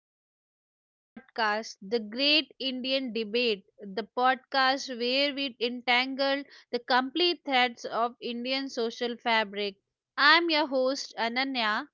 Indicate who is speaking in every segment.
Speaker 1: welcome to our podcast, The Great Indian Debate, the podcast where we entangle the complete threads of Indian social fabric. I'm your host, Ananya.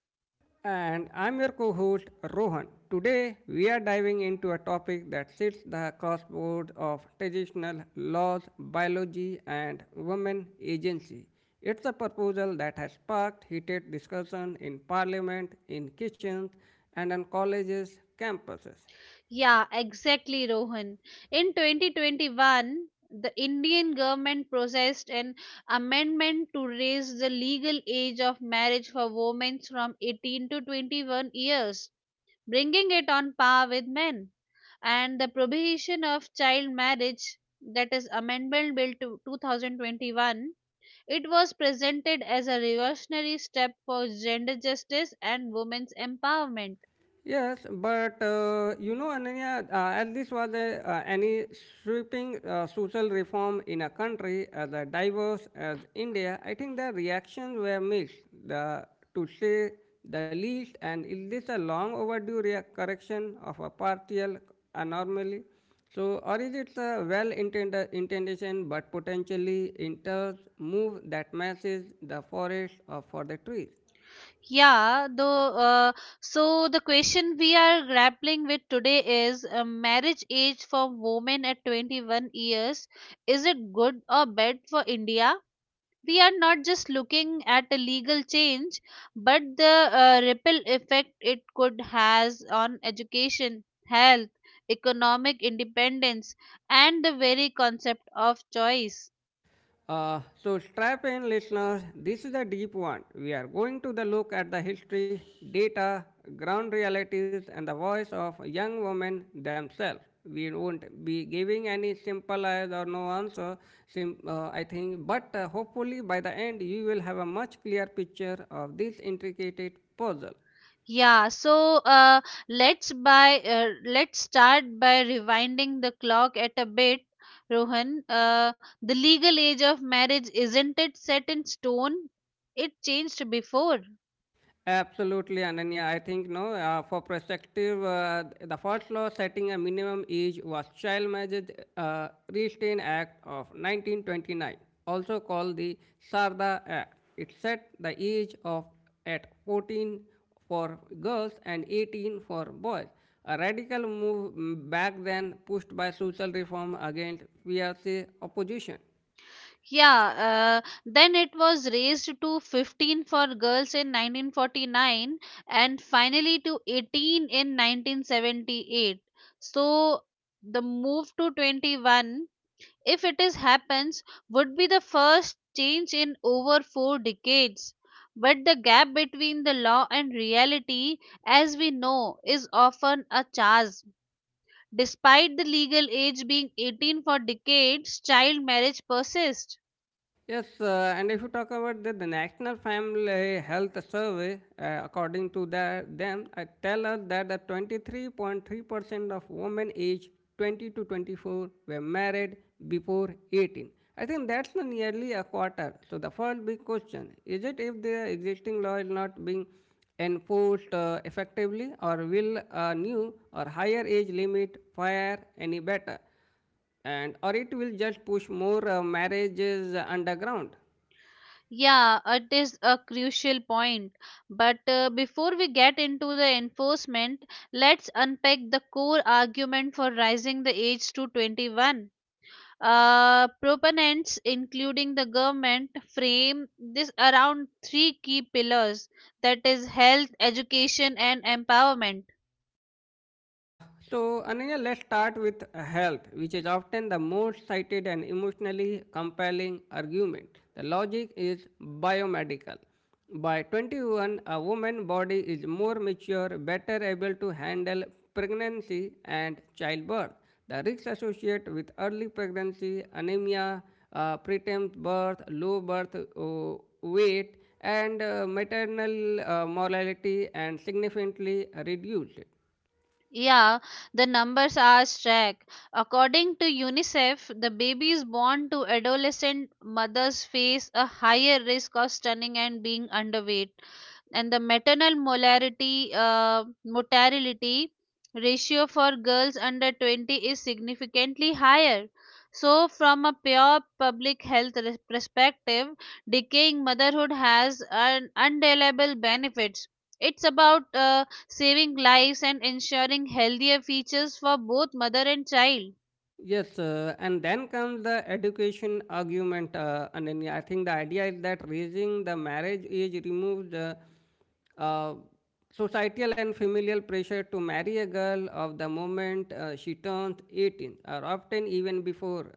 Speaker 2: And I'm your co host Rohan. Today we are diving into a topic that sits the crossroads of traditional laws, biology, and women agency. It's a proposal that has sparked heated discussion in parliament, in kitchens, and on colleges' campuses.
Speaker 1: Yeah, exactly, Rohan. In 2021, the Indian government processed an amendment to raise the legal age of marriage for women from 18 to 21 years, bringing it on par with men. And the prohibition of child marriage, that is Amendment Bill to 2021, it was presented as a revolutionary step for gender justice and women's empowerment.
Speaker 2: Yes, but Ananya, as this was a, any sweeping social reform in a country as a diverse as India, I think the reactions were mixed, the, to say the least. And is this a long overdue correction of a partial anomaly? Or is it a well-intended intention but potentially enters move that masses the forest or for the trees?
Speaker 1: Yeah, though. So the question we are grappling with today is: marriage age for women at 21 years. Is it good or bad for India? We are not just looking at a legal change but the ripple effect it could has on education, health, economic independence, and the very concept of choice.
Speaker 2: So, strap in, listeners. This is a deep one. We are going to the look at the history, data, ground realities, and the voice of young women themselves. We won't be giving any simple as or no answer. I think, but hopefully by the end you will have a much clearer picture of this intricate puzzle.
Speaker 1: yeah so uh, let's start by rewinding the clock at a bit, Rohan. The legal age of marriage isn't it set in stone? It changed before.
Speaker 2: Absolutely, Ananya. I think no. For perspective, the first law setting a minimum age was Child Marriage Restraint Act of 1929, also called the Sarda Act. It set the age of at 14 for girls and 18 for boys. A radical move back then, pushed by social reform against fierce opposition.
Speaker 1: Yeah, then it was raised to 15 for girls in 1949 and finally to 18 in 1978. So the move to 21, if it is happens, would be the first change in over four decades. But the gap between the law and reality, as we know, is often a chasm. Despite the legal age being 18 for decades, child marriage persists.
Speaker 2: Yes, and if you talk about the National Family Health Survey, according to them, I tell us that the 23.3% of women aged 20 to 24 were married before 18. I think that's the nearly a quarter. So the first big question is it if the existing law is not being enforced effectively, or will a new or higher age limit fare any better? And or it will just push more marriages underground.
Speaker 1: Yeah, it is a crucial point. But before we get into the enforcement, let's unpack the core argument for raising the age to 21. Proponents, including the government, frame this around three key pillars, that is, health, education, and empowerment.
Speaker 2: Uh, so, Ananya, let's start with health, which is often the most cited and emotionally compelling argument. The logic is biomedical. By 21, a woman's body is more mature, better able to handle pregnancy and childbirth. The risks associated with early pregnancy, anemia, preterm birth, low birth weight, and maternal mortality and significantly reduced.
Speaker 1: Yeah, the numbers are stacked. According to UNICEF, the babies born to adolescent mothers face a higher risk of stunning and being underweight, and the maternal molarity mortality ratio for girls under 20 is significantly higher. So from a pure public health perspective, decaying motherhood has an undeniable benefits. It's about saving lives and ensuring healthier features for both mother and child.
Speaker 2: Yes, and then comes the education argument, and then I think the idea is that raising the marriage age removes uh, societal and familial pressure to marry a girl of the moment she turns 18, or often even before.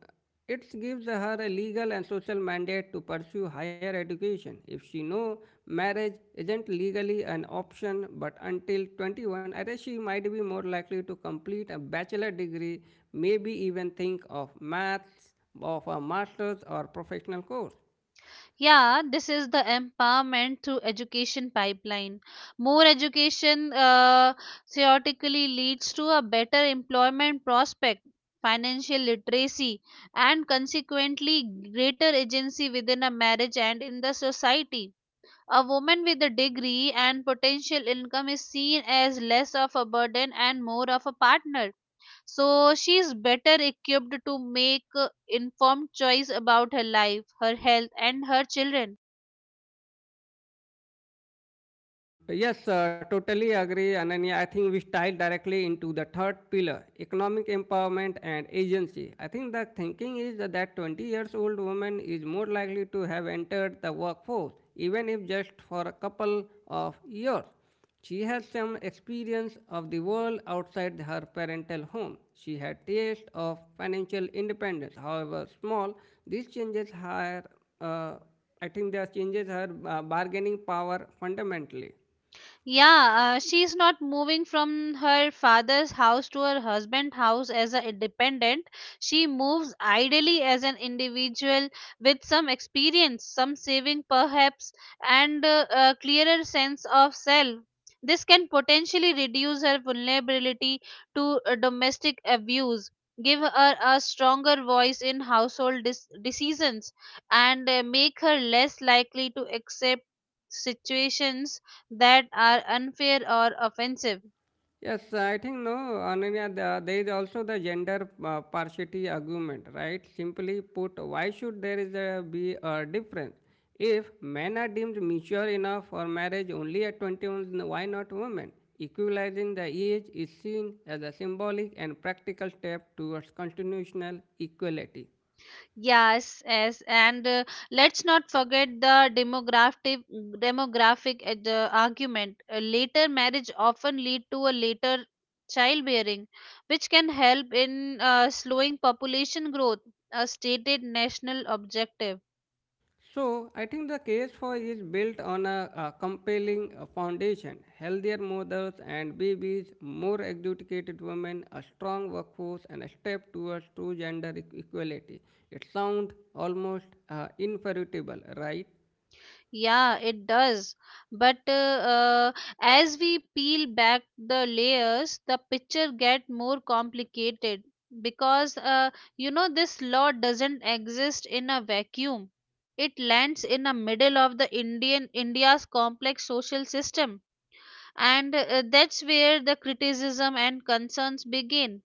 Speaker 2: It gives her a legal and social mandate to pursue higher education. If she knows marriage isn't legally an option but until 21, I guess she might be more likely to complete a bachelor degree, maybe even think of maths, of a master's or professional course.
Speaker 1: Yeah, this is the empowerment through education pipeline. More education theoretically leads to a better employment prospect, financial literacy, and consequently greater agency within a marriage and in the society. A woman with a degree and potential income is seen as less of a burden and more of a partner. So she is better equipped to make informed choice about her life, her health, and her children.
Speaker 2: Yes, totally agree, Ananya. I think we style directly into the third pillar, economic empowerment and agency. I think the thinking is that 20 years old woman is more likely to have entered the workforce, even if just for a couple of years. She has some experience of the world outside her parental home. She had taste of financial independence, however small. These changes her, uh, I think, they changes her bargaining power fundamentally.
Speaker 1: Yeah, she's not moving from her father's house to her husband's house as a dependent. She moves ideally as an individual with some experience, some saving perhaps, and a clearer sense of self. This can potentially reduce her vulnerability to domestic abuse, give her a stronger voice in household decisions, and make her less likely to accept situations that are unfair or offensive.
Speaker 2: Yes, I think no, Ananya, there is also the gender partiality argument, right? Simply put, why should be a difference? If men are deemed mature enough for marriage only at 21, why not women? Equalizing the age is seen as a symbolic and practical step towards constitutional equality.
Speaker 1: Yes, and let's not forget the demographic the argument. A later marriage often lead to a later childbearing, which can help in slowing population growth, a stated national objective.
Speaker 2: So, I think the case for is built on a compelling foundation healthier mothers and babies, more educated women, a strong workforce, and a step towards true gender equality. It sounds almost inferable, right?
Speaker 1: Yeah, it does. But as we peel back the layers, the picture get more complicated because you know this law doesn't exist in a vacuum. It lands in the middle of the Indian India's complex social system, and that's where the criticism and concerns begin.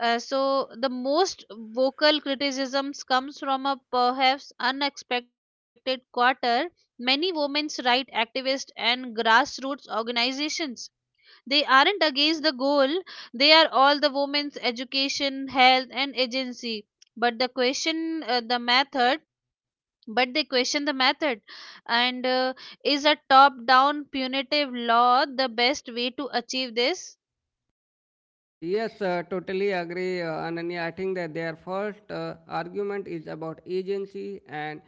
Speaker 1: So the most vocal criticisms comes from a perhaps unexpected quarter. Many women's rights activists and grassroots organizations. They aren't against the goal. They are all the women's education, health, and agency. But the question, uh, the method. But they question the method. And Is a top-down punitive law the best way to achieve this?
Speaker 2: Yes, totally agree, Ananya. I think that their first argument is about agency and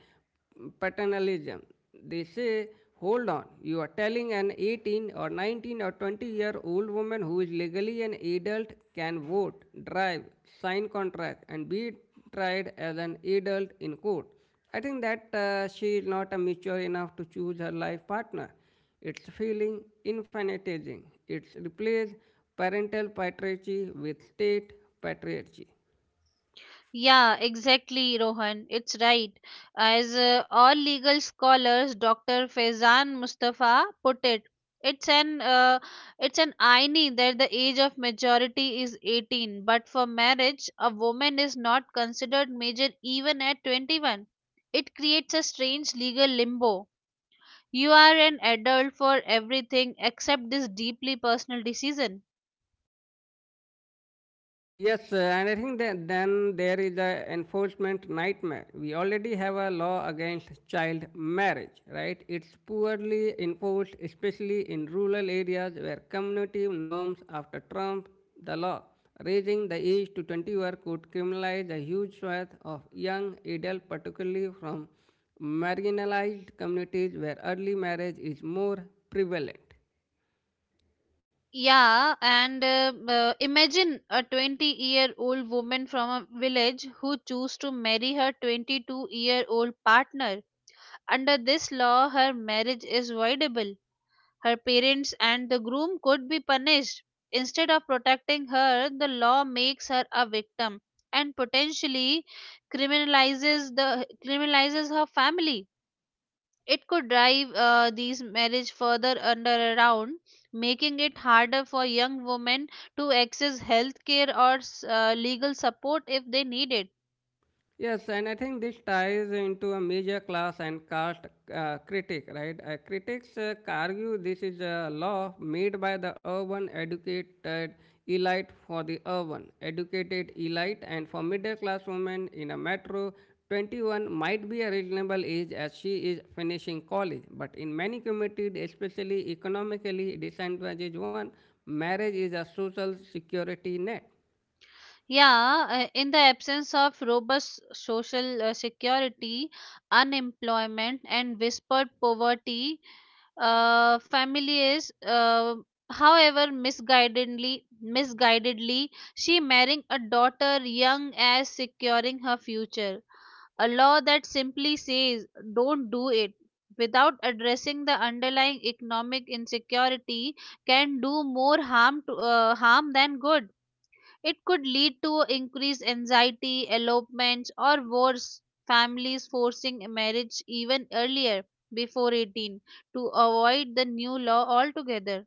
Speaker 2: paternalism. They say, hold on, you are telling an 18 or 19 or 20-year-old woman who is legally an adult can vote, drive, sign contract, and be tried as an adult in court. I think that she is not a mature enough to choose her life partner. It's feeling infinitizing. It replaces parental patriarchy with state patriarchy.
Speaker 1: Yeah, exactly, Rohan. It's right. As all legal scholars, Dr. Faizan Mustafa put it, it's an uh, it's an irony that the age of majority is 18, but for marriage, a woman is not considered major even at 21. It creates a strange legal limbo. You are an adult for everything except this deeply personal decision.
Speaker 2: Yes, and I think that then there is the enforcement nightmare. We already have a law against child marriage, right? It's poorly enforced, especially in rural areas where community norms after Trump, the law raising the age to 21 could criminalize a huge swath of young adults, particularly from marginalized communities where early marriage is more prevalent.
Speaker 1: Yeah, and Imagine a 20-year-old woman from a village who choose to marry her 22-year-old partner. Under this law, her marriage is voidable. Her parents and the groom could be punished. Instead of protecting her, the law makes her a victim and potentially criminalizes her family. It could drive these marriage further under around, making it harder for young women to access healthcare or legal support if they need it.
Speaker 2: Yes, and I think this ties into a major class and caste critic, right? Critics argue this is a law made by the urban educated elite for the urban educated elite, and for middle class women in a metro, 21 might be a reasonable age as she is finishing college. But in many communities, especially economically disadvantaged one, marriage is a social security net.
Speaker 1: Yeah, in the absence of robust social security, unemployment, and whispered poverty, families, however, misguidedly, she marrying a daughter young as securing her future. A law that simply says don't do it without addressing the underlying economic insecurity can do more harm than good. It could lead to increased anxiety, elopements, or worse, families forcing marriage even earlier, before 18, to avoid the new law altogether.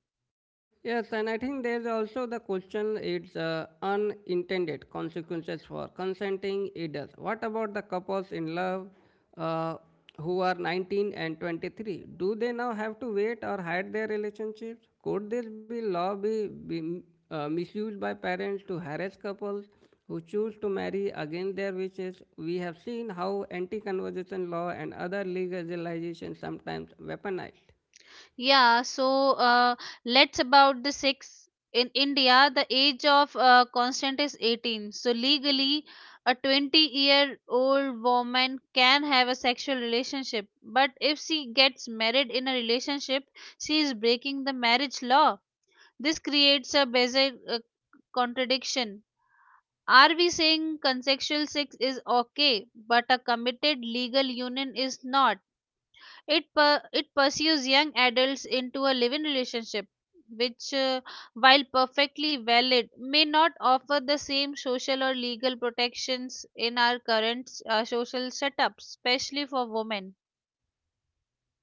Speaker 2: Yes, and I think there's also the question it's unintended consequences for consenting adults. What about the couples in love uh, who are 19 and 23? Do they now have to wait or hide their relationships? Could this be law be misused by parents to harass couples who choose to marry against their wishes? We have seen how anti-conversion law and other legalizations sometimes weaponized.
Speaker 1: Yeah, so uh, let's about the six. In India, the age of consent is 18. So legally, a 20-year-old woman can have a sexual relationship. But if she gets married in a relationship, she is breaking the marriage law. This creates a basic contradiction. Are we saying consensual sex is okay, but a committed legal union is not? It pursues young adults into a living relationship, which, while perfectly valid, may not offer the same social or legal protections in our current social setup, especially for women.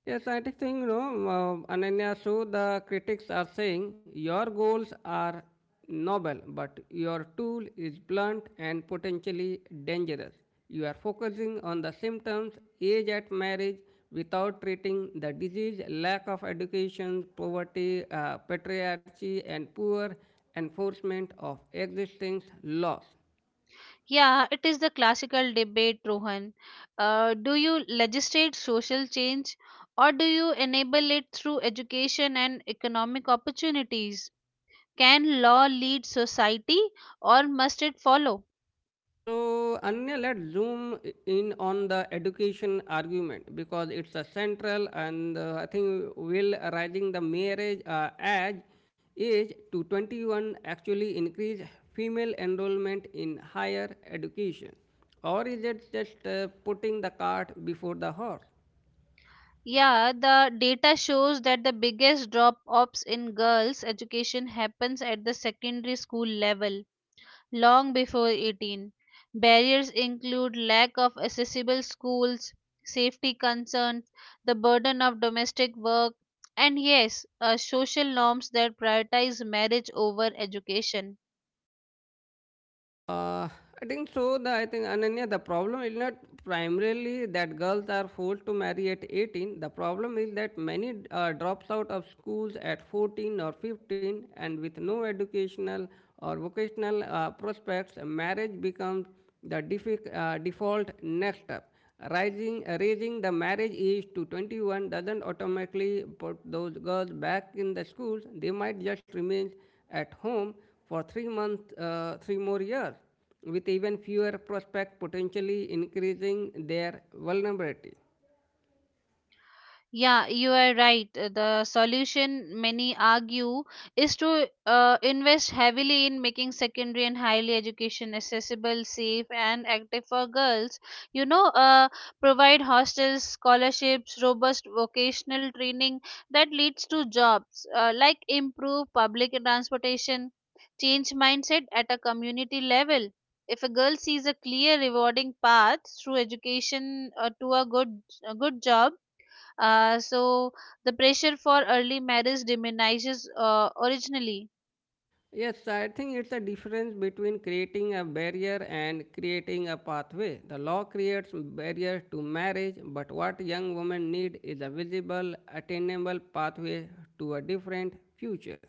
Speaker 2: Yes, I think you know, Ananya. So the critics are saying your goals are noble, but your tool is blunt and potentially dangerous. You are focusing on the symptoms, age at marriage, without treating the disease, lack of education, poverty, patriarchy, and poor enforcement of existing laws.
Speaker 1: Yeah, it is the classical debate, Rohan. Do you legislate social change or do you enable it through education and economic opportunities? Can law lead society or must it follow?
Speaker 2: So, Anya, let's zoom in on the education argument because it's a central and I think will rising the marriage age to 21 actually increase female enrollment in higher education? Or is it just putting the cart before the horse?
Speaker 1: Yeah, the data shows that the biggest drop offs in girls' education happens at the secondary school level, long before 18. Barriers include lack of accessible schools, safety concerns, the burden of domestic work, and yes, social norms that prioritize marriage over education.
Speaker 2: Uh, I think so. I think Ananya, the problem is not primarily that girls are forced to marry at 18. The problem is that many drops out of schools at 14 or 15, and with no educational or vocational prospects, marriage becomes the default next step. Raising the marriage age to 21 doesn't automatically put those girls back in the schools. They might just remain at home for 3 more years, with even fewer prospects potentially increasing their vulnerability.
Speaker 1: Yeah, you are right. The solution, many argue, is to invest heavily in making secondary and highly education accessible, safe, and active for girls. You know, provide hostels, scholarships, robust vocational training that leads to jobs, like improve public transportation, change mindset at a community level. If a girl sees a clear, rewarding path through education to a good job, so the pressure for early marriage diminishes originally.
Speaker 2: Yes, I think it's a difference between creating a barrier and creating a pathway. The law creates barriers to marriage, but what young women need is a visible, attainable pathway to a different future.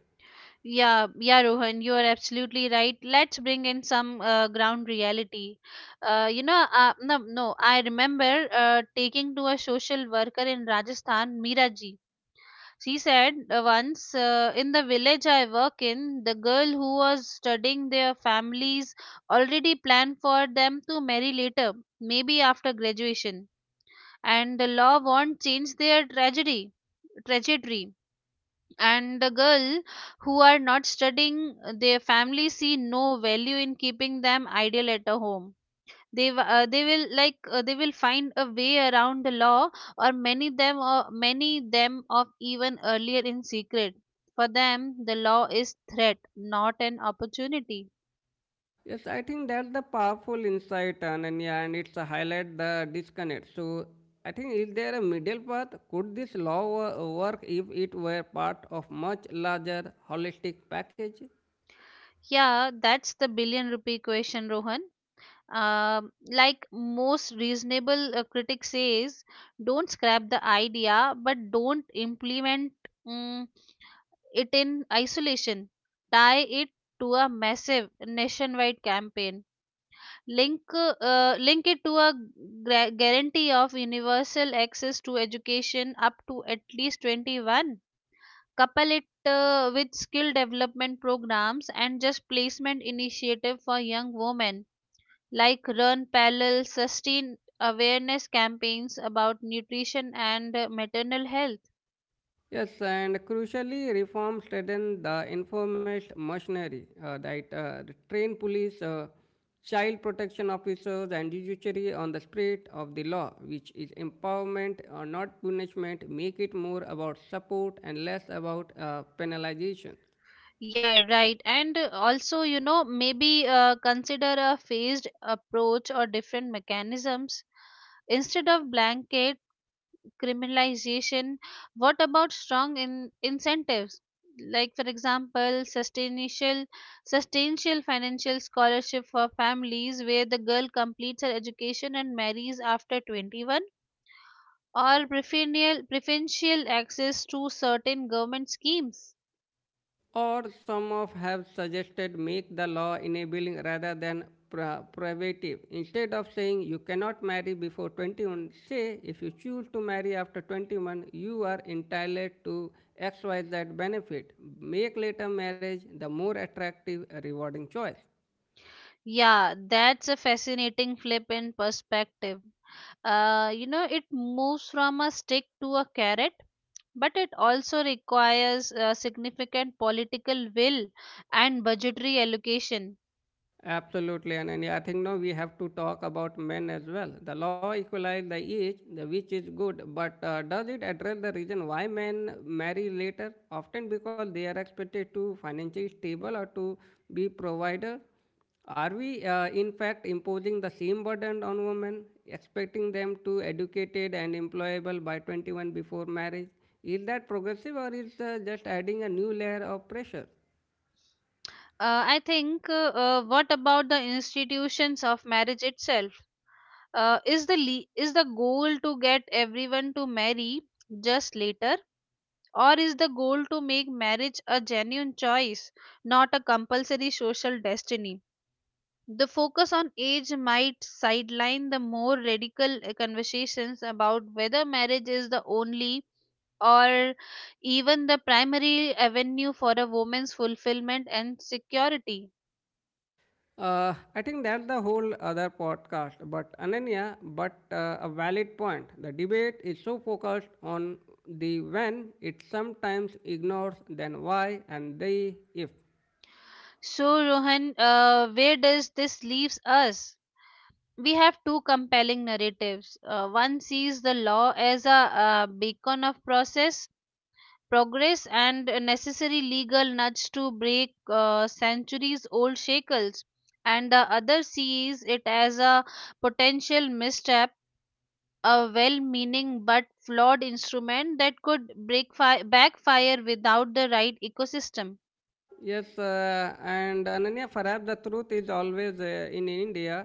Speaker 1: Yeah, Rohan, you are absolutely right. Let's bring in some ground reality. You know, no, no, I remember taking to a social worker in Rajasthan, Meera ji. She said once, in the village I work in, the girl who was studying their families already planned for them to marry later, maybe after graduation, and the law won't change their tragedy trajectory. And the girl who are not studying their family see no value in keeping them idle at a home. They w- they will like They will find a way around the law, or many them of even earlier in secret. For them the law is threat, not an opportunity.
Speaker 2: Yes, I think that's the powerful insight, Ananya, and it's a highlight the disconnect. So, I think is there a middle path? Could this law work if it were part of much larger holistic package?
Speaker 1: Yeah, that's the billion rupee question, Rohan. Like most reasonable critic says, don't scrap the idea, but don't implement mm, it in isolation. Tie it to a massive nationwide campaign. Link it to a guarantee of universal access to education up to at least 21. Couple it with skill development programs and just placement initiative for young women, like run parallel sustain awareness campaigns about nutrition and maternal health.
Speaker 2: Yes, and crucially, reforms threaten the informalist machinery that the train police, child protection officers, and judiciary on the spirit of the law, which is empowerment or not punishment, make it more about support and less about penalization.
Speaker 1: Yeah right, and also you know maybe consider a phased approach or different mechanisms instead of blanket criminalization. What about strong incentives, like for example sustainable financial scholarship for families where the girl completes her education and marries after 21, or preferential access to certain government schemes.
Speaker 2: Or some of have suggested make the law enabling rather than prohibitive, instead of saying you cannot marry before 21, say if you choose to marry after 21 you are entitled to xyz benefit. Make later marriage the more attractive rewarding choice.
Speaker 1: Yeah, that's a fascinating flip in perspective. You know, it moves from a stick to a carrot, but it also requires significant political will and budgetary allocation.
Speaker 2: Absolutely, Ananya. I think now we have to talk about men as well. The law equalizes the age, the which is good, but does it address the reason why men marry later? Often because they are expected to financially stable or to be provider. Are we, in fact, imposing the same burden on women, expecting them to educated and employable by 21 before marriage? Is that progressive or is just adding a new layer of pressure?
Speaker 1: I think. What about the institutions of marriage itself? Is the goal to get everyone to marry just later? Or is the goal to make marriage a genuine choice, not a compulsory social destiny? The focus on age might sideline the more radical conversations about whether marriage is the only or even the primary avenue for a woman's fulfillment and security.
Speaker 2: I think that's the whole other podcast. But Ananya, but a valid point. The debate is so focused on the when, it sometimes ignores then why and the if.
Speaker 1: So, Rohan, where does this leaves us? We have two compelling narratives. One sees the law as a, uh, beacon of progress and a necessary legal nudge to break centuries old shackles, and the other sees it as a potential misstep, a well meaning but flawed instrument that could backfire without the right ecosystem.
Speaker 2: Yes, and Ananya, perhaps the truth is always in India.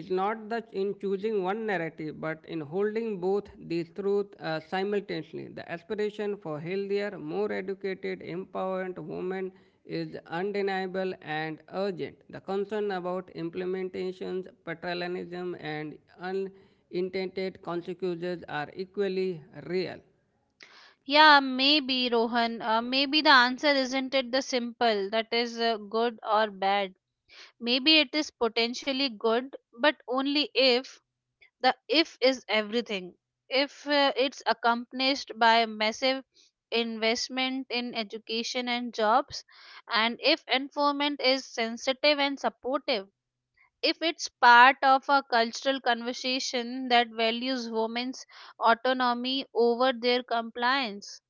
Speaker 2: Is not that in choosing one narrative, but in holding both these truths simultaneously. The aspiration for healthier, more educated, empowered women is undeniable and urgent. The concern about implementations, paternalism, and unintended consequences are equally real.
Speaker 1: Yeah, maybe Rohan. Maybe the answer isn't it the simple that is good or bad. Maybe it is potentially good, but only if. The if is everything. If it's accompanied by massive investment in education and jobs, and if environment is sensitive and supportive. If it's part of a cultural conversation that values women's autonomy over their compliance.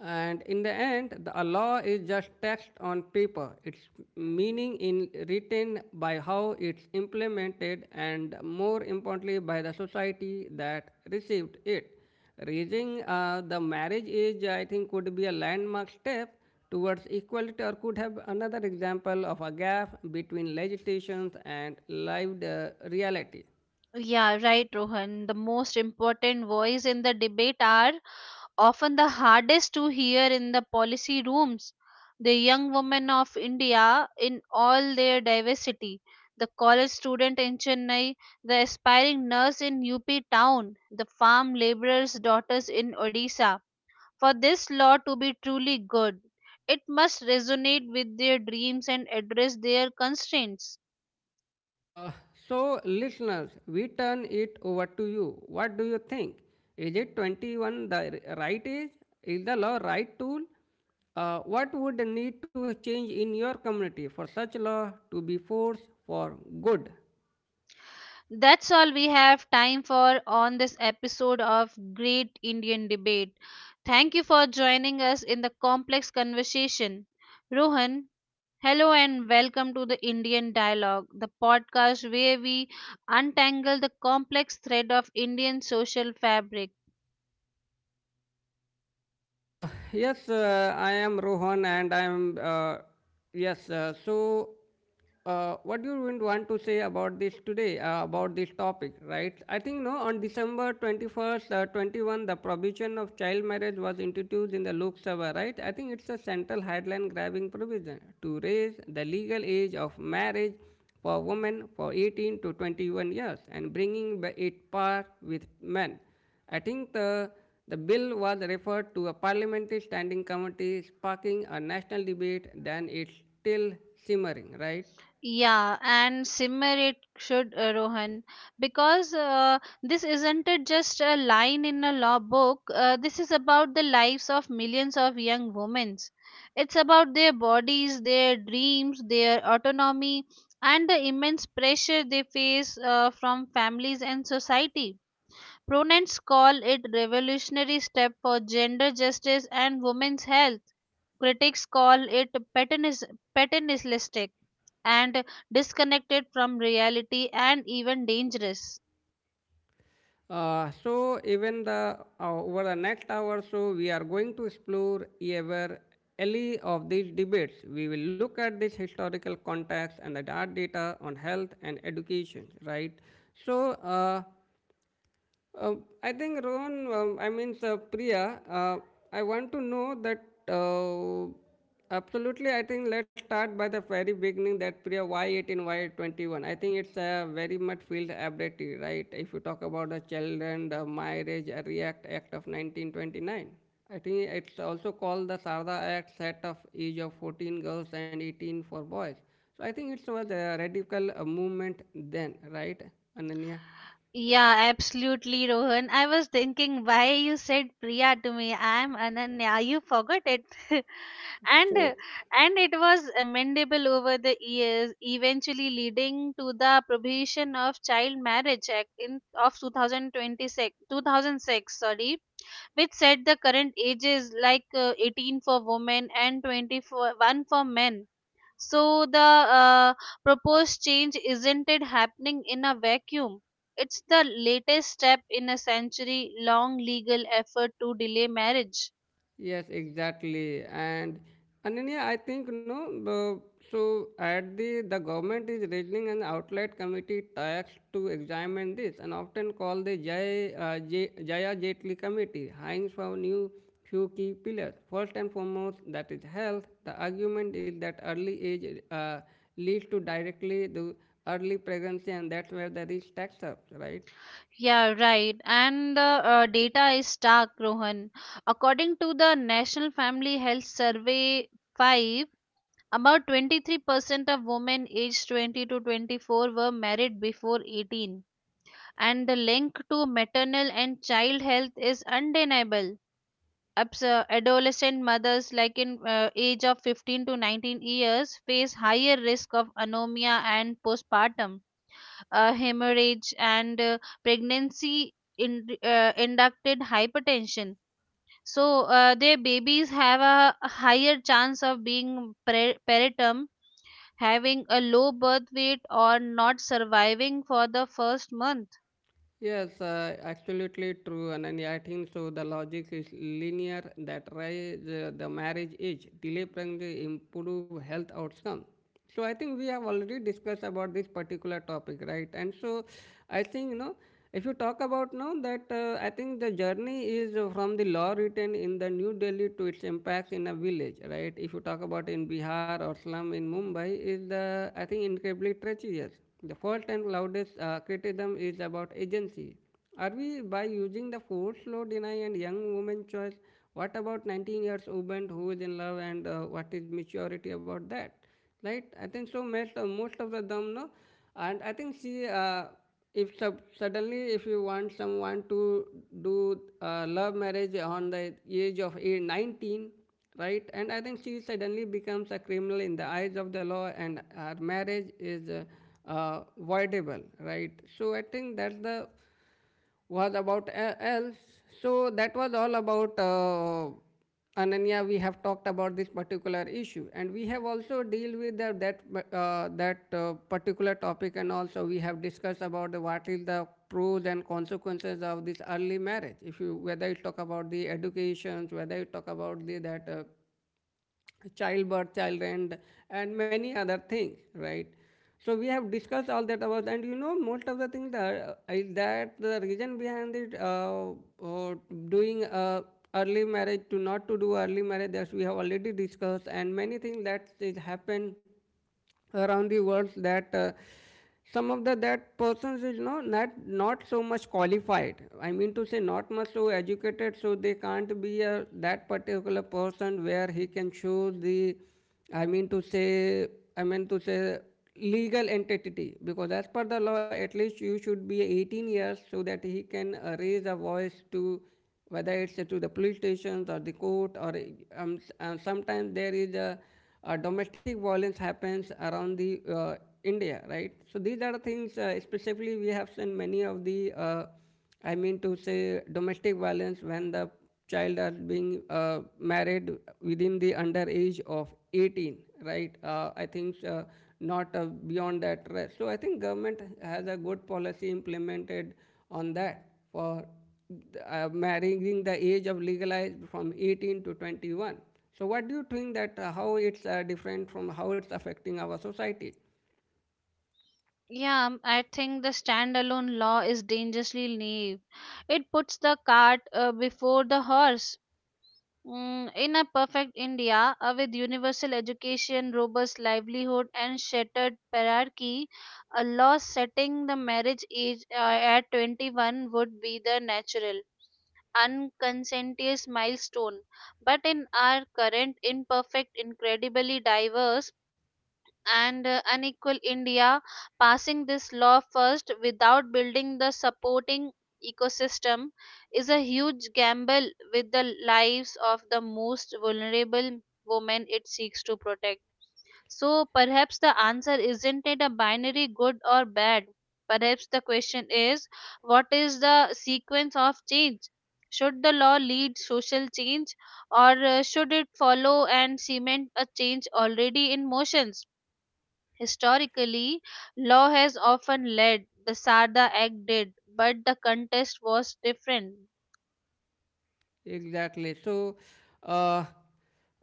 Speaker 2: And in the end, the law is just text on paper. Its meaning is written by how it's implemented and more importantly by the society that received it. Raising the marriage age, I think, could be a landmark step towards equality or could have another example of a gap between legislations and lived reality.
Speaker 1: Yeah, right, Rohan. The most important voice in the debate are often the hardest to hear in the policy rooms. The young women of India, in all their diversity, the college student in Chennai, the aspiring nurse in UP town, the farm laborer's daughters in Odisha. For this law to be truly good, it must resonate with their dreams and address their constraints.
Speaker 2: Uh, so, listeners, we turn it over to you. What do you think? Is it 21 the right age? Is the law right tool? What would need to change in your community for such law to be forced for good?
Speaker 1: That's all we have time for on this episode of Great Indian Debate. Thank you for joining us in the complex conversation. Rohan, hello and welcome to the Indian Dialogue, the podcast where we untangle the complex thread of Indian social fabric.
Speaker 2: Yes, I am Rohan, and I am yes. What do you want to say about this today? About this topic, right? I think no. On December 21st, 21, the provision of child marriage was introduced in the Lok Sabha, right? I think it's a central headline grabbing provision to raise the legal age of marriage for women for 18 to 21 years and bringing it par with men. I think the, the bill was referred to a parliamentary standing committee, sparking a national debate, then it's still simmering, right?
Speaker 1: Yeah, and simmer it should, Rohan, because this isn't it just a line in a law book. This is about the lives of millions of young women. It's about their bodies, their dreams, their autonomy, and the immense pressure they face from families and society. Proponents call it revolutionary step for gender justice and women's health. Critics call it paternalistic and disconnected from reality and even dangerous.
Speaker 2: So, even the Over the next hour or so, we are going to explore ever alley of these debates. We will look at this historical context and the hard data on health and education, right? So, uh, Uh, I think Rohan, Priya, I want to know that uh, absolutely. I think let's start by the very beginning. That Priya, why 18, why 21? I think it's a very much field ability, right? If you talk about the children, the marriage, react act of 1929. I think it's also called the Sarda Act, set of age of 14 girls and 18 for boys. So I think it was a radical movement then, right, Ananya?
Speaker 1: Yeah, absolutely, Rohan. I was thinking why you said Priya to me. I'm Ananya. You forgot it, and uh,
Speaker 2: So
Speaker 1: and it was amendable over the years, eventually leading to the prohibition of child marriage act in of 2006, sorry, which set the current ages like 18 for women and 21 for men. So the uh, proposed change isn't it happening in a vacuum. It's the latest step in a century long legal effort to delay marriage.
Speaker 2: Yes, exactly. And Ananya, I think no. the- So at the government is raising an outlet committee tax to examine this, and often called the Jaya Jetli Committee, hanging for new few key pillars. First and foremost, that is health. The argument is that early age uh, leads to directly the early pregnancy, and that's where the risk stacks up, right?
Speaker 1: Yeah, right. And the data is stark, Rohan. According to the National Family Health Survey 5, about 23% of women aged 20 to 24 were married before 18. And the link to maternal and child health is undeniable. Adolescent mothers like in age of 15 to 19 years face higher risk of anemia and postpartum hemorrhage and pregnancy in, inducted hypertension. So their babies have a higher chance of being peritum, having a low birth weight or not surviving for the first month.
Speaker 2: Yes, absolutely true. And I think so. The logic is linear: that raise the marriage age, delay pregnancy, improve health outcome. So I think we have already discussed about this particular topic, right? And so I think, you know, if you talk about now that, I think the journey is from the law written in the New Delhi to its impacts in a village, right? If you talk about in Bihar or slum in Mumbai, is the, I think, incredibly treacherous. The first and loudest criticism is about agency. Are we by using the force law deny and young women choice? What about 19 years woman who is in love and what is maturity about that? Right? I think so. Most, most of the them know, and I think she if suddenly if you want someone to do love marriage on the age of 19, right? And I think she suddenly becomes a criminal in the eyes of the law and her marriage is voidable, right? So I think that's the was about else. So that was all about, Ananya, we have talked about this particular issue and we have also dealt with the, that that particular topic, and also we have discussed about the, what is the pros and consequences of this early marriage, if you whether you talk about the educations, whether you talk about the that childbirth, child end, and many other things, right? So we have discussed all that about, and you know, most of the things that, is that the reason behind it, uh, doing early marriage to not to do early marriage, as we have already discussed, and many things that is happen around the world that, some of the that persons is not so much qualified. I mean to say, not much so educated, so they can't be a that particular person where he can show the, I mean to say, i mean to say legal entity, because as per the law, at least you should be 18 years, so that he can raise a voice to whether it's to the police stations or the court, or sometimes there is a domestic violence happens around the India, right? So these are the things. Specifically, we have seen many of I mean to say, domestic violence when the child are being married within the under age of 18, right? I think not Beyond that, right? So I think government has a good policy implemented on that for marrying the age of legalized from 18 to 21. So what do you think that, how it's, different, from how it's affecting our society?
Speaker 1: Yeah, I think the standalone law is dangerously naive. It puts the cart before the horse. Mm, in a perfect India, with universal education, robust livelihood, and shattered hierarchy, a law setting the marriage age at 21 would be the natural, unconscientious milestone. But in our current imperfect, incredibly diverse, and unequal India, passing this law first without building the supporting ecosystem is a huge gamble with the lives of the most vulnerable women it seeks to protect. So perhaps the answer isn't it a binary good or bad. Perhaps the question is, what is the sequence of change? Should the law lead social change or should it follow and cement a change already in motions? Historically, law has often led, the Sarda Act did, but the contest was different.
Speaker 2: Exactly. Uh,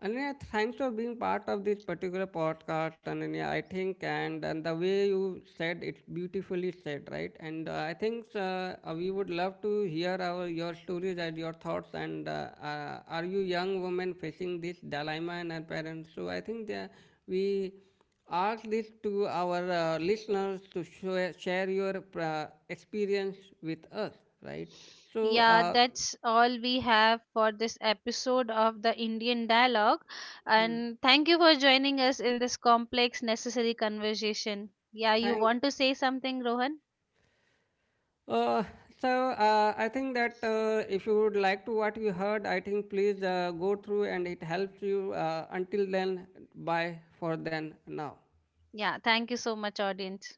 Speaker 2: Ananya, thanks for being part of this particular podcast, Ananya. I think, and the way you said it, beautifully said, right? And I think, we would love to hear our your stories and your thoughts. And, are you young women facing this dilemma and our parents? So I think that we ask this to our listeners to share your experience with us, right? So.
Speaker 1: Yeah,
Speaker 2: Uh,
Speaker 1: that's all we have for this episode of the Indian Dialogue.
Speaker 2: hmm.
Speaker 1: And thank you for joining us in this complex, necessary conversation. Yeah, you
Speaker 2: Thank.
Speaker 1: want to say something, Rohan?
Speaker 2: Uh, I think that, if you would like to what you heard, I think please go through and it helps you. Until then, bye for then now.
Speaker 1: Yeah, thank you so much, audience.